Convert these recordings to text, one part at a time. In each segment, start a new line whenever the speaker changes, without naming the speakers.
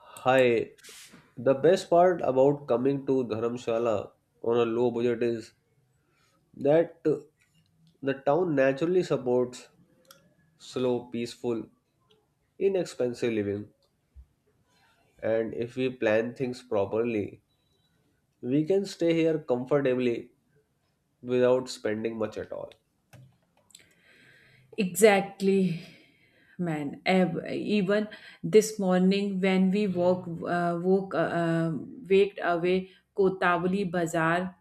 Hi, the best part about coming to Dharamshala on a low budget is that the town naturally supports slow, peaceful, inexpensive living. And if we plan things properly, we can stay here comfortably without spending much at all.
Exactly, man. Even this morning when we waked away Kotavli Bazaar.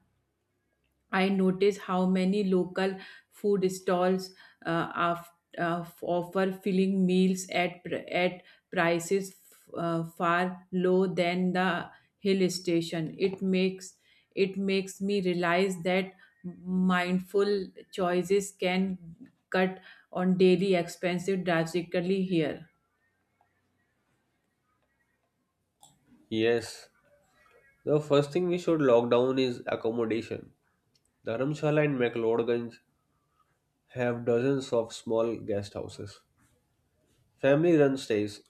I notice how many local food stalls uh, af- offer filling meals at prices far low than the hill station. It makes me realize that mindful choices can cut on daily expenses drastically here.
Yes, the first thing we should lock down is accommodation. Dharamshala and McLeodganj have dozens of small guest houses, family run stays,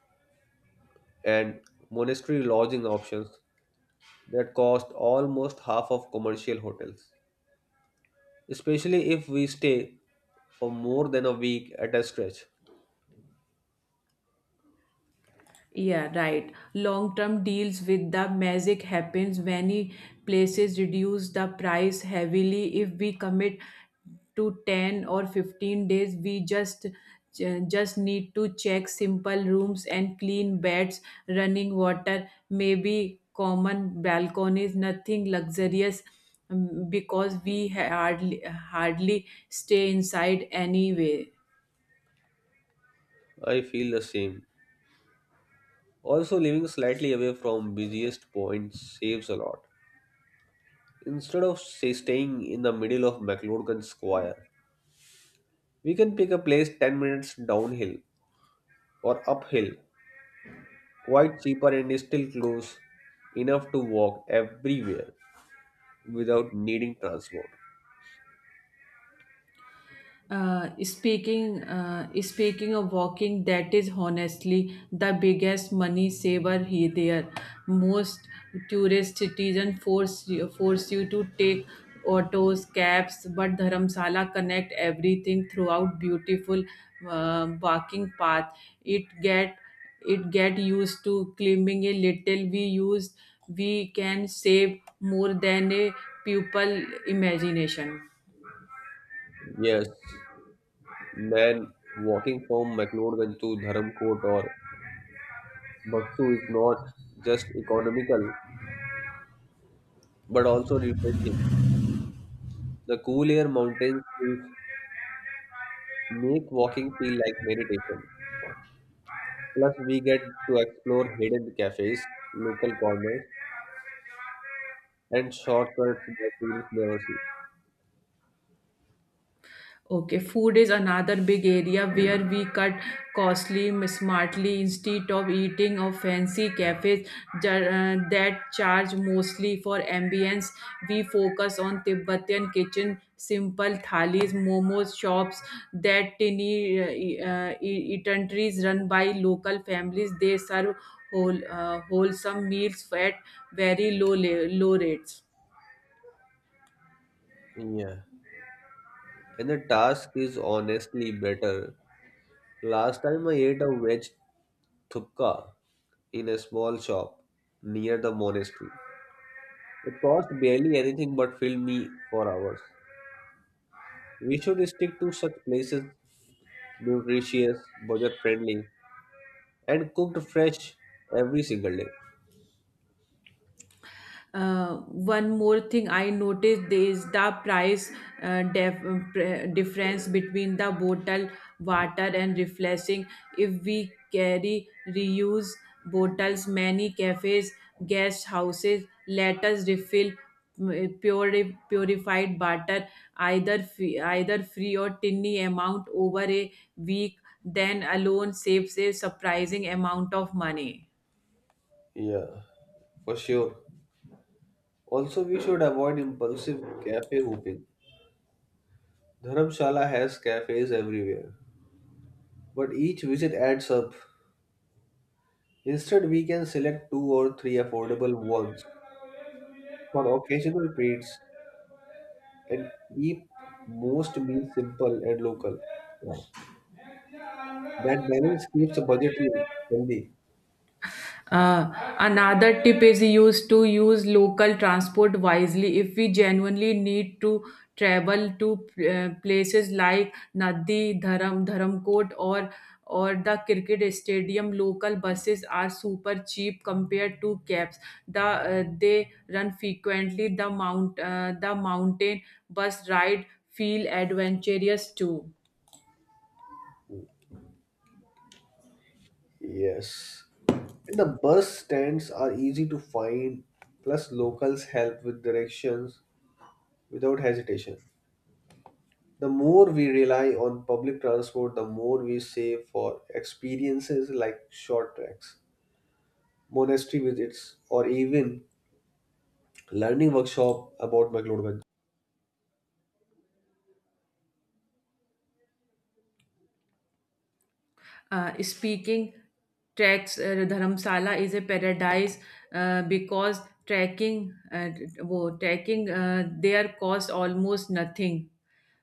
and monastery lodging options that cost almost half of commercial hotels, especially if we stay for more than a week at a stretch.
Yeah, right. Long term deals with the magic happens, many places reduce the price heavily if we commit to 10 or 15 days. We just just need to check simple rooms and clean beds, running water, maybe common balconies, nothing luxurious, because we hardly stay inside anyway.
I feel the same. Also, living slightly away from busiest points saves a lot. Instead of say, staying in the middle of McLoudgan Square, we can pick a place 10 minutes downhill or uphill, quite cheaper and still close enough to walk everywhere without needing transport.
Speaking of walking, that is honestly the biggest money saver here. There, most tourist citizen force you to take autos, cabs, but Dharamsala connect everything throughout beautiful walking path. It get it get used to climbing a little. We can save more than a pupil imagination.
Yes, man, walking from McLeodganj to Dharamkot or Baksu is not just economical but also refreshing. The cool air mountains will make walking feel like meditation. Plus, we get to explore hidden cafes, local corners, and shortcuts that tourists never see.
Okay, food is another big area where we cut costly, smartly, instead of eating of fancy cafes that charge mostly for ambience. We focus on Tibetan kitchen, simple thalis, momos shops, that tiny eateries run by local families. They serve wholesome meals at very low rates.
Yeah, and the task is honestly better. Last time I ate a veg thupka in a small shop near the monastery. It cost barely anything but filled me for hours. We should stick to such places, nutritious, budget friendly, and cooked fresh every single day.
One more thing I noticed is the price uh, def- difference between the bottle water and refreshing. If we carry reuse bottles, many cafes, guest houses let us refill purified water, either free or tiny amount over a week. Then alone saves a surprising amount of money.
Yeah, for sure. Also, we should avoid impulsive cafe hopping. Dharamshala has cafes everywhere, but each visit adds up. Instead, we can select two or three affordable ones for occasional treats and keep most meals simple and local. Yeah. That balance keeps the budget healthy.
Uh, Another tip is use local transport wisely. If we genuinely need to travel to places like Nadi, Dharam, Dharamkot, or the cricket stadium, local buses are super cheap compared to cabs. They run frequently. The mountain bus ride feel adventurous too.
Yes. And the bus stands are easy to find, plus locals help with directions without hesitation. The more we rely on public transport, the more we save for experiences like short treks, monastery visits, or even learning workshop about McLeodban.
Speaking tracks, Dharamsala is a paradise because trekking, trekking there costs almost nothing.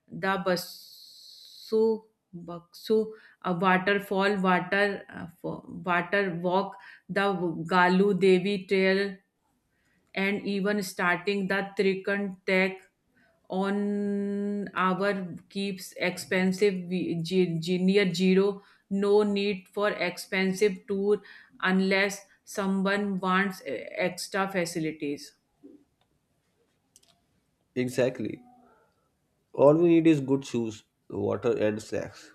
The Basu waterfall, water walk, the Galu Devi trail, and even starting the Trichen trek on our keeps expensive near zero. No need for expensive tour unless someone wants extra facilities.
Exactly. All we need is good shoes, water, and snacks.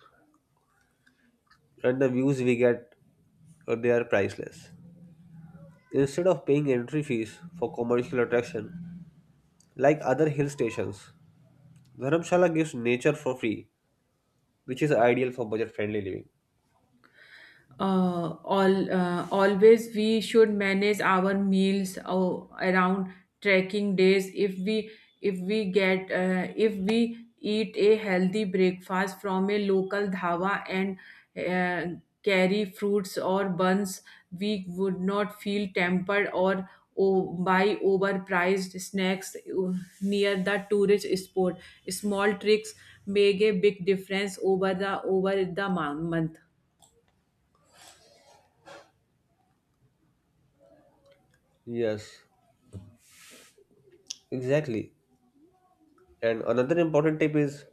And the views we get, they are priceless. Instead of paying entry fees for commercial attraction, like other hill stations, Dharamshala gives nature for free, which is ideal for budget friendly living.
All Always we should manage our meals around trekking days. If we eat a healthy breakfast from a local dhaba and carry fruits or buns, we would not feel tempered or buy overpriced snacks near the tourist spot. Small tricks make a big difference over the month.
Yes, exactly. And another important tip is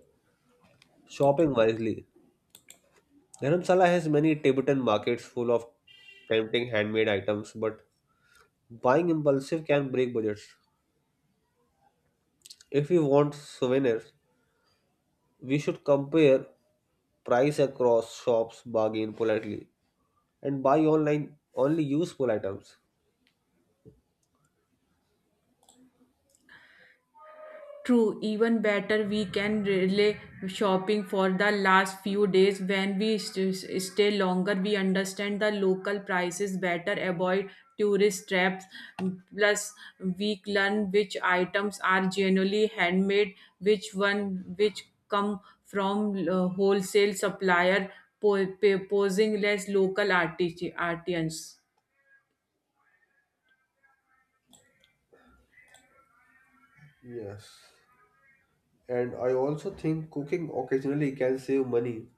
shopping wisely. Dharamsala has many Tibetan markets full of tempting handmade items, but buying impulsive can break budgets. If we want souvenirs, we should compare price across shops, bargain politely, and buy online only useful items.
True, even better, we can relay shopping for the last few days. When we stay longer, we understand the local prices better, avoid tourist traps. Plus, we learn which items are generally handmade, which come from wholesale supplier, posing less local artisans.
Yes. And I also think cooking occasionally can save money.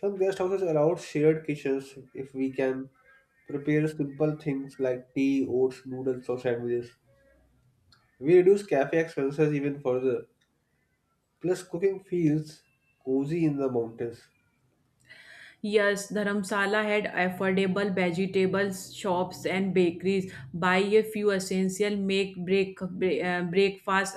Some guest houses allow shared kitchens if we can prepare simple things like tea, oats, noodles, or sandwiches. We reduce cafe expenses even further. Plus, cooking feels cozy in the mountains.
Yes, Dharamsala had affordable vegetables shops and bakeries. Buy a few essential, make breakfast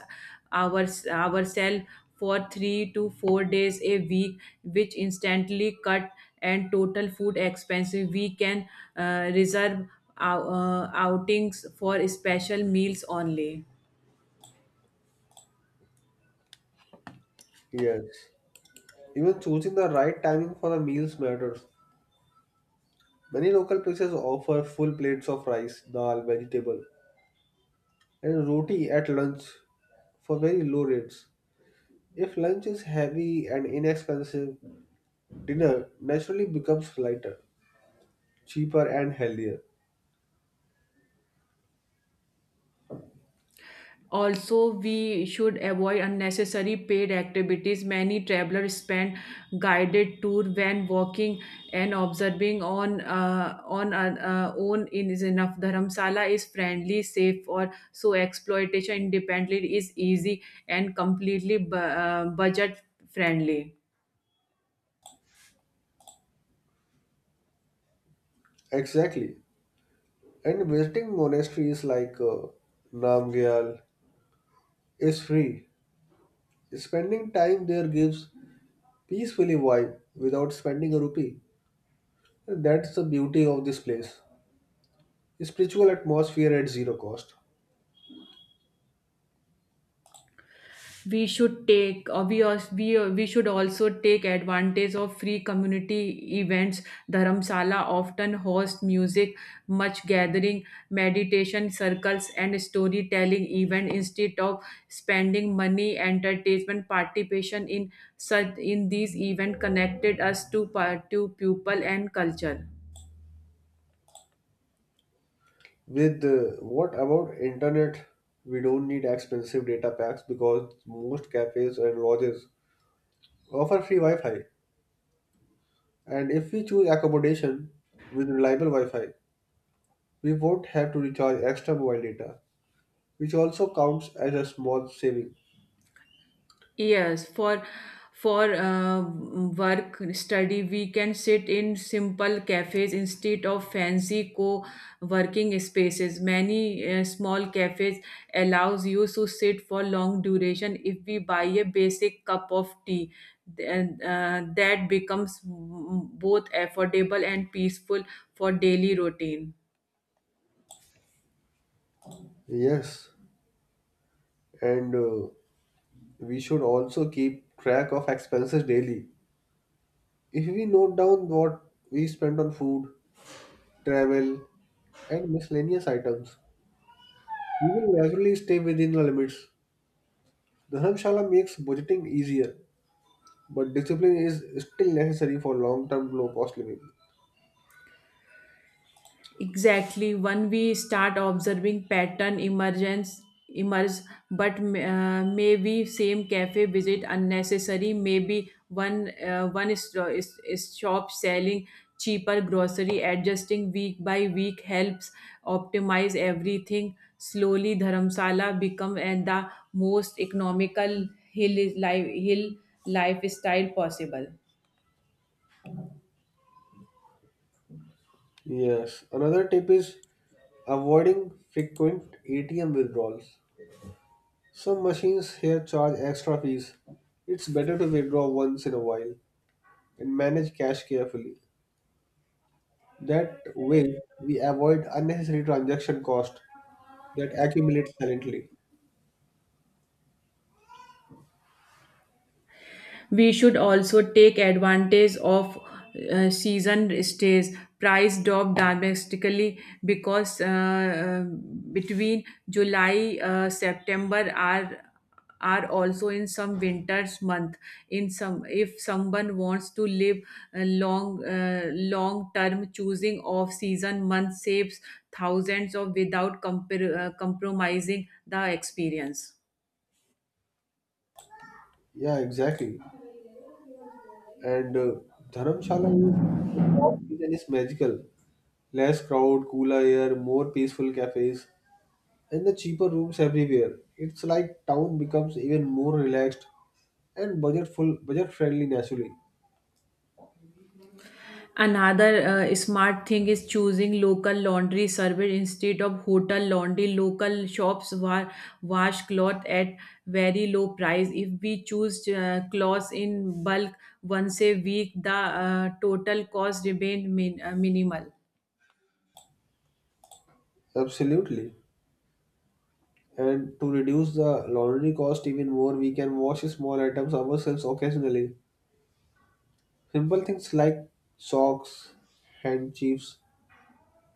ourselves for 3 to 4 days a week, which instantly cut and total food expenses. We can reserve our, outings for special meals only.
Yes. Even choosing the right timing for the meals matters. Many local places offer full plates of rice, dal, vegetable, and roti at lunch for very low rates. If lunch is heavy and inexpensive, dinner naturally becomes lighter, cheaper, and healthier.
Also, we should avoid unnecessary paid activities. Many travelers spend guided tour when walking and observing on own in is enough. Dharamsala is friendly, safe, or so exploitation independently is easy and completely budget friendly.
Exactly. And visiting monasteries like Namgyal is free. Spending time there gives peacefully vibe without spending a rupee. And that's the beauty of this place. Spiritual atmosphere at zero cost.
We should take, or we should also take advantage of free community events. Dharamsala often host music, much gathering, meditation circles, and storytelling event instead of spending money entertainment. Participation in such, in these event connected us to to people and culture.
With what about internet? We don't need expensive data packs because most cafes and lodges offer free Wi-Fi. And if we choose accommodation with reliable Wi-Fi, we won't have to recharge extra mobile data, which also counts as a small saving.
Yes, for work study, we can sit in simple cafes instead of fancy co-working spaces. Many small cafes allows you to sit for long duration if we buy a basic cup of tea. Then, that becomes both affordable and peaceful for daily routine.
Yes, and we should also keep track of expenses daily. If we note down what we spend on food, travel, and miscellaneous items, we will naturally stay within the limits. Dharamshala makes budgeting easier, but discipline is still necessary for long-term low-cost living.
Exactly, when we start observing pattern emergence emerge. But maybe same cafe visit unnecessary, maybe one one is shop selling cheaper grocery. Adjusting week by week helps optimize everything slowly. Dharamsala become and the most economical hill life hill lifestyle possible.
Yes, another tip is avoiding frequent ATM withdrawals. Some machines here charge extra fees. It's better to withdraw once in a while and manage cash carefully. That way, we avoid unnecessary transaction cost that accumulates silently.
We should also take advantage of season stays. Price drop domestically because between July September are also in some winters month. In some, if someone wants to live a long term, choosing off season month saves thousands of without compromising the experience.
Yeah, exactly. And Dharamshala is- the top season is magical. Less crowd, cooler air, more peaceful cafes, and the cheaper rooms everywhere. It's like town becomes even more relaxed and budget friendly naturally.
Another smart thing is choosing local laundry service instead of hotel laundry. Local shops wash cloth at very low price. If we choose clothes in bulk once a week, the total cost remains minimal.
Absolutely. And to reduce the laundry cost even more, we can wash small items ourselves occasionally. Simple things like socks, handkerchiefs,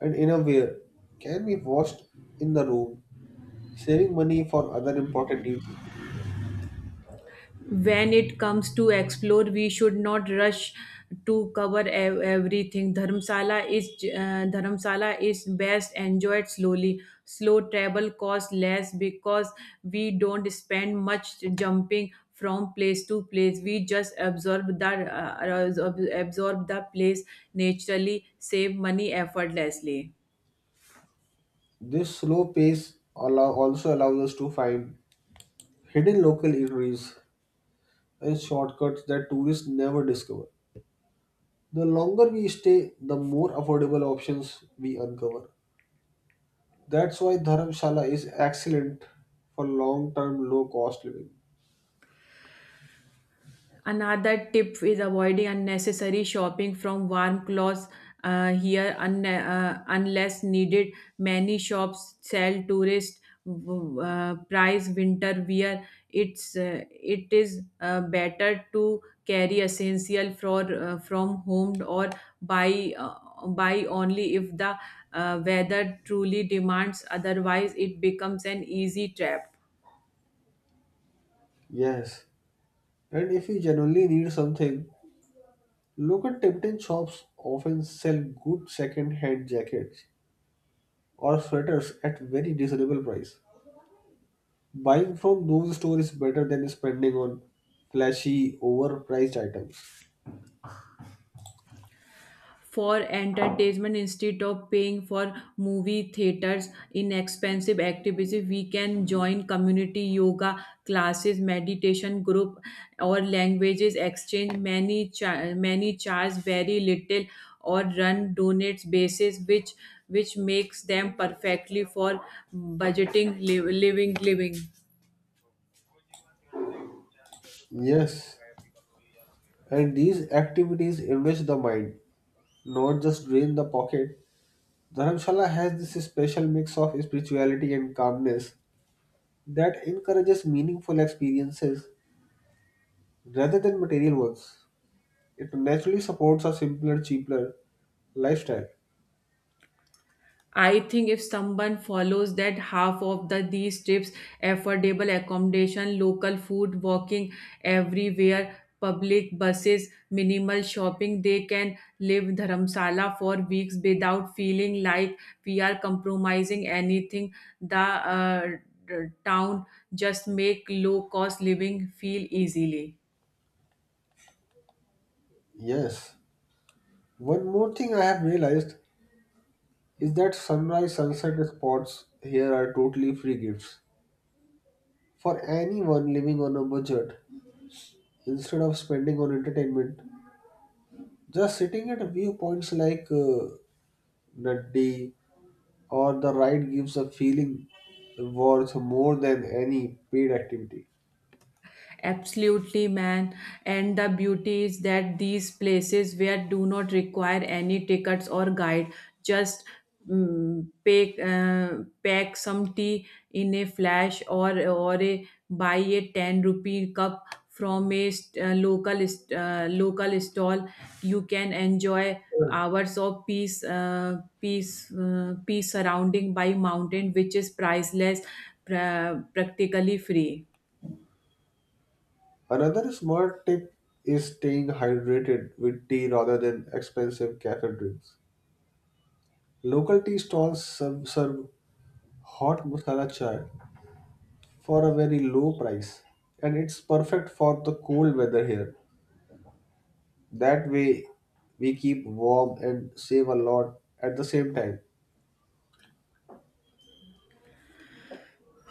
and innerwear can be washed in the room, saving money for other important needs.
When it comes to explore, we should not rush to cover everything. Dharmsala is best enjoyed slowly. Slow travel costs less because we don't spend much jumping from place to place. We just uh, absorb the place, naturally save money effortlessly.
This also allows us to find hidden local eateries and shortcuts that tourists never discover. The longer we stay, the more affordable options we uncover. That's why Dharamshala is excellent for long term low cost living.
Another tip is avoiding unnecessary shopping from warm clothes here unless needed. Many shops sell tourist price winter wear. It is better to carry essential for from home or buy only if the weather truly demands. Otherwise, it becomes an easy trap.
Yes, and if you genuinely need something, local Tibetan shops often sell good second hand jackets or sweaters at very reasonable price. Buying from those stores is better than spending on flashy, overpriced items.
For entertainment, instead of paying for movie theaters in expensive activities, we can join community yoga classes, meditation group, or languages exchange. Many many charge very little or run donates basis, which makes them perfectly for budgeting living.
Yes, and these activities enrich the mind, not just drain the pocket. Dharamshala has this special mix of spirituality and calmness that encourages meaningful experiences rather than material ones. It naturally supports a simpler, cheaper lifestyle.
I think if someone follows that half of the these tips, affordable accommodation, local food, walking everywhere, public buses, minimal shopping, they can live Dharamsala for weeks without feeling like we are compromising anything. The town just make low cost living feel easily.
Yes. One more thing I have realized is that sunrise sunset spots here are totally free gifts for anyone living on a budget. Instead of spending on entertainment, just sitting at viewpoints like Nadi or the ride gives a feeling worth more than any paid activity.
Absolutely, man. And the beauty is that these places where do not require any tickets or guide, just pack some tea in a flash or buy a 10 rupee cup from a local stall. You can enjoy hours of peace peace surrounding by mountain, which is priceless, practically free.
Another smart tip is staying hydrated with tea rather than expensive cafe drinks. Local tea stalls serve hot masala chai for a very low price, and it's perfect for the cold weather here. That way, we keep warm and save a lot at the same time.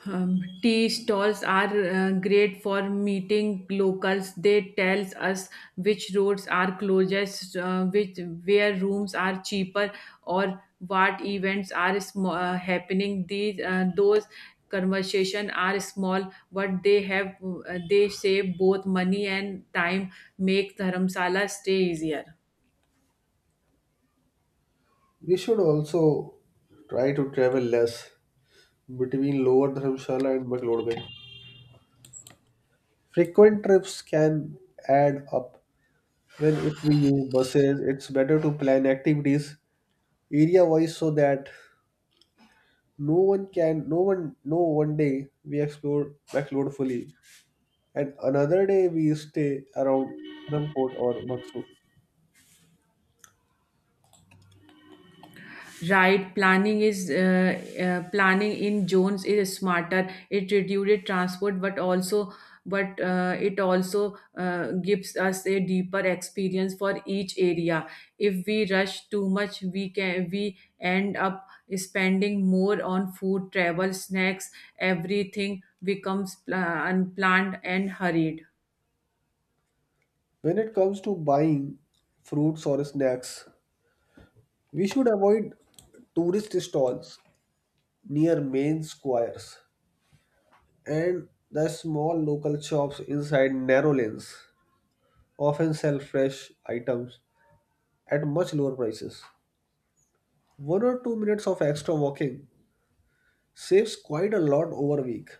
Tea stalls are great for meeting locals. They tells us which roads are closest, which where rooms are cheaper, or what events are happening. These Those conversation are small, but they save both money and time. Make Dharamsala stay easier.
We should also try to travel less between Lower Dharamshala and McLeodville. Frequent trips can add up. When if we use buses, it's better to plan activities area wise so that no one can no one no one day we explore fully and another day we stay around Dharamkot or Baksu.
Right, planning is planning in zones is smarter. It reduces transport but also but it also gives us a deeper experience for each area. If we rush too much, we end up spending more on food, travel, snacks. Everything becomes unplanned and hurried.
When it comes to buying fruits or snacks, we should avoid tourist stalls near main squares and the small local shops inside narrow lanes often sell fresh items at much lower prices. 1 or 2 minutes of extra walking saves quite a lot over a week.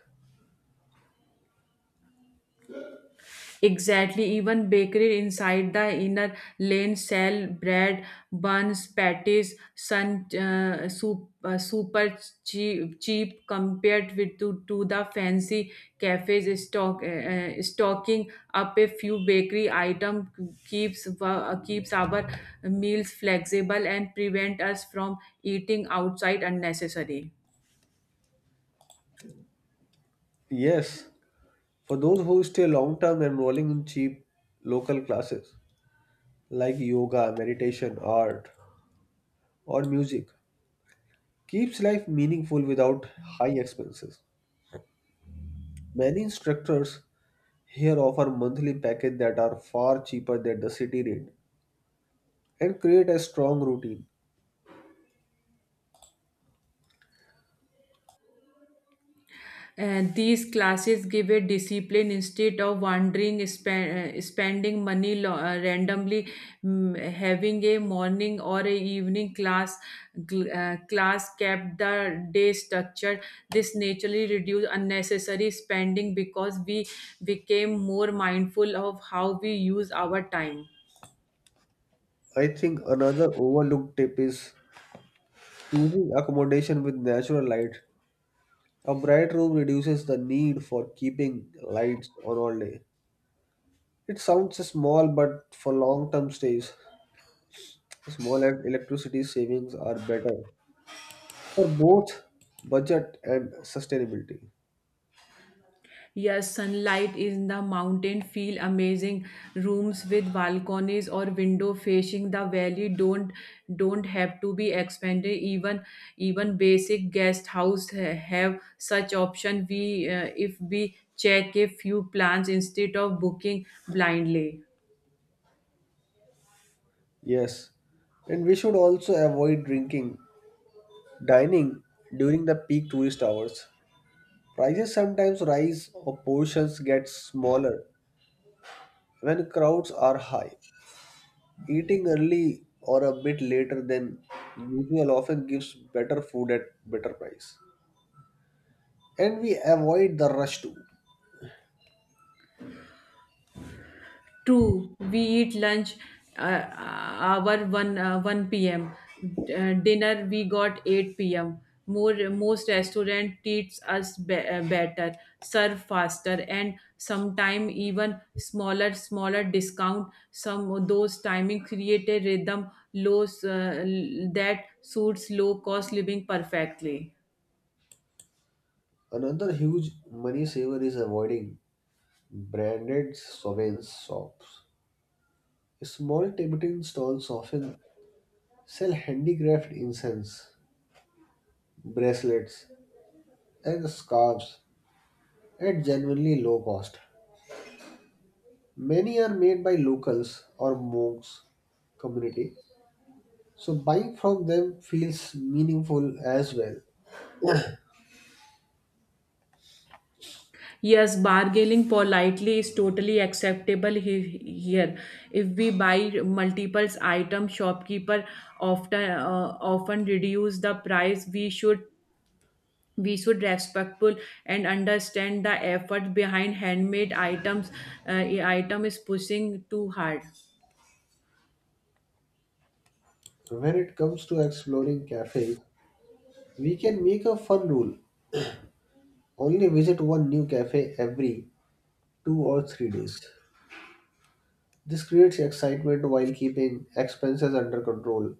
Exactly, even bakery inside the inner lane sell bread, buns, patties, super cheap compared to the fancy cafes. Stocking up a few bakery item keeps our meals flexible and prevent us from eating outside unnecessary.
Yes, for those who stay long term enrolling in cheap local classes like yoga, meditation, art, or music keeps life meaningful without high expenses. Many instructors here offer monthly packages that are far cheaper than the city rate and create a strong routine.
And these classes give a discipline. Instead of wandering, spending money randomly, having a morning or a evening class, class kept the day structured. This naturally reduced unnecessary spending because we became more mindful of how we use our time.
I think another overlooked tip is choosing accommodation with natural light. A bright room reduces the need for keeping lights on all day. It sounds small, but for long term stays, small and electricity savings are better for both budget and sustainability.
Yes, sunlight in the mountain feel amazing. Rooms with balconies or window facing the valley don't have to be expensive. Even basic guest house have such option. We If we check a few plans instead of booking blindly.
Yes, and we should also avoid drinking, dining during the peak tourist hours. Prices sometimes rise or portions get smaller when crowds are high. Eating early or a bit later than usual often gives better food at better price. And we avoid the rush too.
True, we eat lunch uh, hour 1 p.m. Dinner we got 8 p.m. More, most restaurant treats us better, serve faster, and sometime even smaller discount. Some of those timing create a rhythm low that suits low cost living perfectly.
Another huge money saver is avoiding branded sovereign shops. Small Tibetan stalls often sell handicraft incense, bracelets, and scarves at genuinely low cost. Many are made by locals or monks community, so buying from them feels meaningful as well.
Yes, bargaining politely is totally acceptable here. If we buy multiple items, shopkeeper often reduce the price. We should respectful and understand the effort behind handmade items. Item is pushing too hard.
So when it comes to exploring cafes, we can make a fun rule only visit one new cafe every 2 or 3 days. This creates excitement while keeping expenses under control.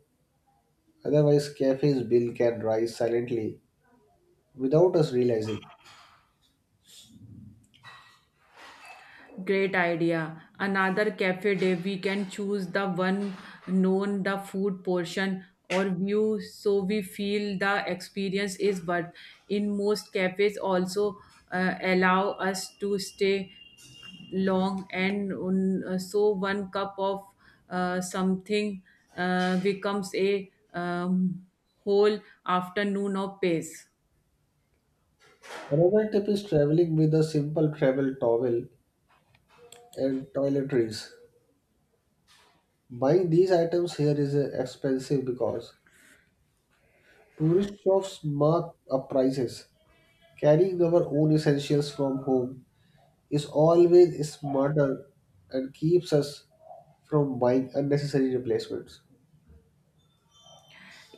Otherwise, cafe's bill can rise silently without us realizing.
Great idea. Another cafe day, we can choose the one known the food portion or view so we feel the experience is, but in most cafes also allow us to stay long, and so one cup of something becomes a whole afternoon of pace.
Another tip is traveling with a simple travel towel and toiletries. Buying these items here is expensive because tourist shops mark up prices. Carrying our own essentials from home is always smarter and keeps us from buying unnecessary replacements.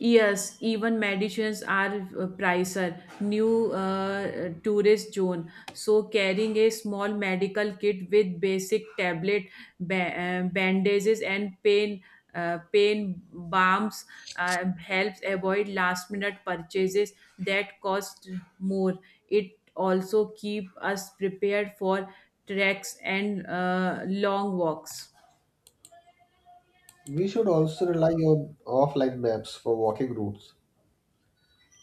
Yes, even medicines are pricer. New, tourist zone. So carrying a small medical kit with basic tablet, bandages, and pain balms helps avoid last minute purchases that cost more. It also keep us prepared for treks and long walks.
We should also rely on offline maps for walking routes.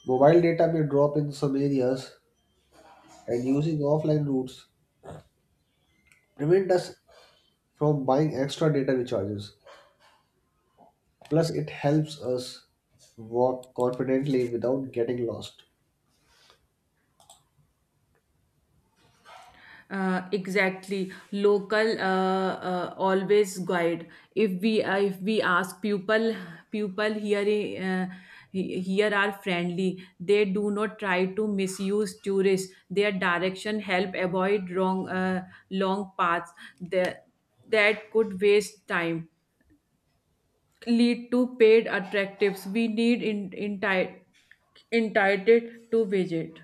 Mobile data may drop in some areas, and using offline routes prevent us from buying extra data recharges. Plus, it helps us walk confidently without getting lost.
Exactly, local always guide. If we ask people here are friendly, they do not try to misuse tourists. Their direction help avoid wrong long paths that, that could waste time, lead to paid attractives we need entitled to visit.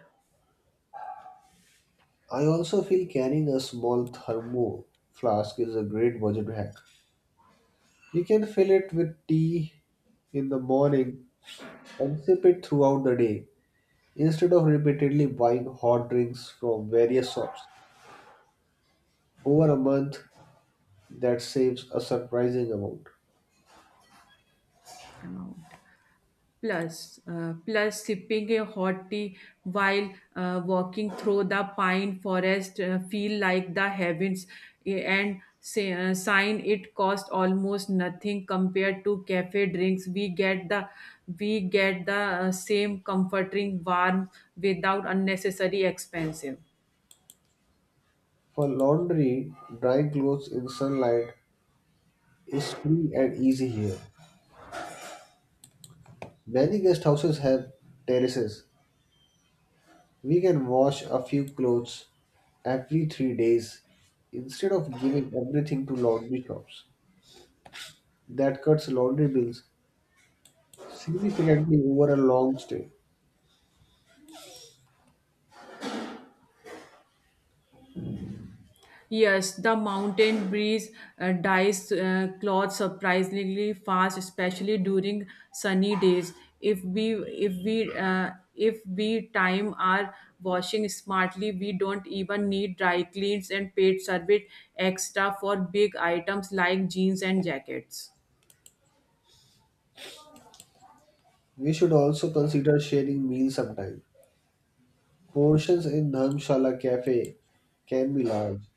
I also feel carrying a small thermo flask is a great budget hack. We can fill it with tea in the morning and sip it throughout the day instead of repeatedly buying hot drinks from various shops. Over a month, that saves a surprising amount.
Plus, sipping a hot tea while walking through the pine forest feel like the heavens, and say, sign it cost almost nothing compared to cafe drinks. We get the same comforting warmth without unnecessary expensive.
For laundry, drying clothes in sunlight is free and easy here. Many guest houses have terraces. We can wash a few clothes every 3 days instead of giving everything to laundry shops. That cuts laundry bills significantly over a long stay.
Yes, the mountain breeze dyes cloth surprisingly fast, especially during sunny days. If we time our washing smartly, we don't even need dry cleans and paid service extra for big items like jeans and jackets.
We should also consider sharing meals sometime. Portions in Dharmshala cafe can be large.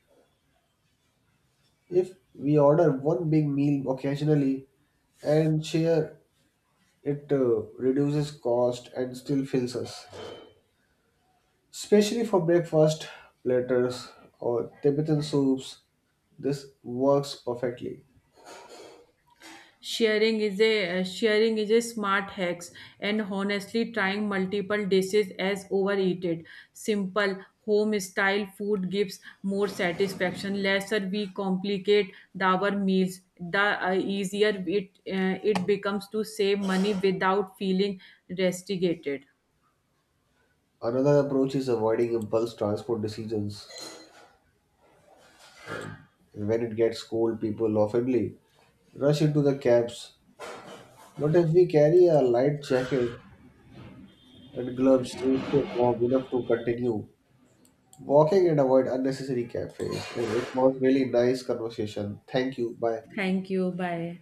If we order one big meal occasionally and share, it reduces cost and still fills us. Especially for breakfast platters or Tibetan soups, this works perfectly.
Sharing is a smart hacks, and honestly trying multiple dishes as overeated. Simple home style food gives more satisfaction. Lesser we complicate the our meals, the easier it becomes to save money without feeling restricted.
Another approach is avoiding impulse transport decisions. And when it gets cold, people often rush into the cabs. But if we carry a light jacket and gloves, we stay warm enough to continue walking and avoid unnecessary cafes. And it was really nice conversation. Thank you. Bye.
Thank you. Bye.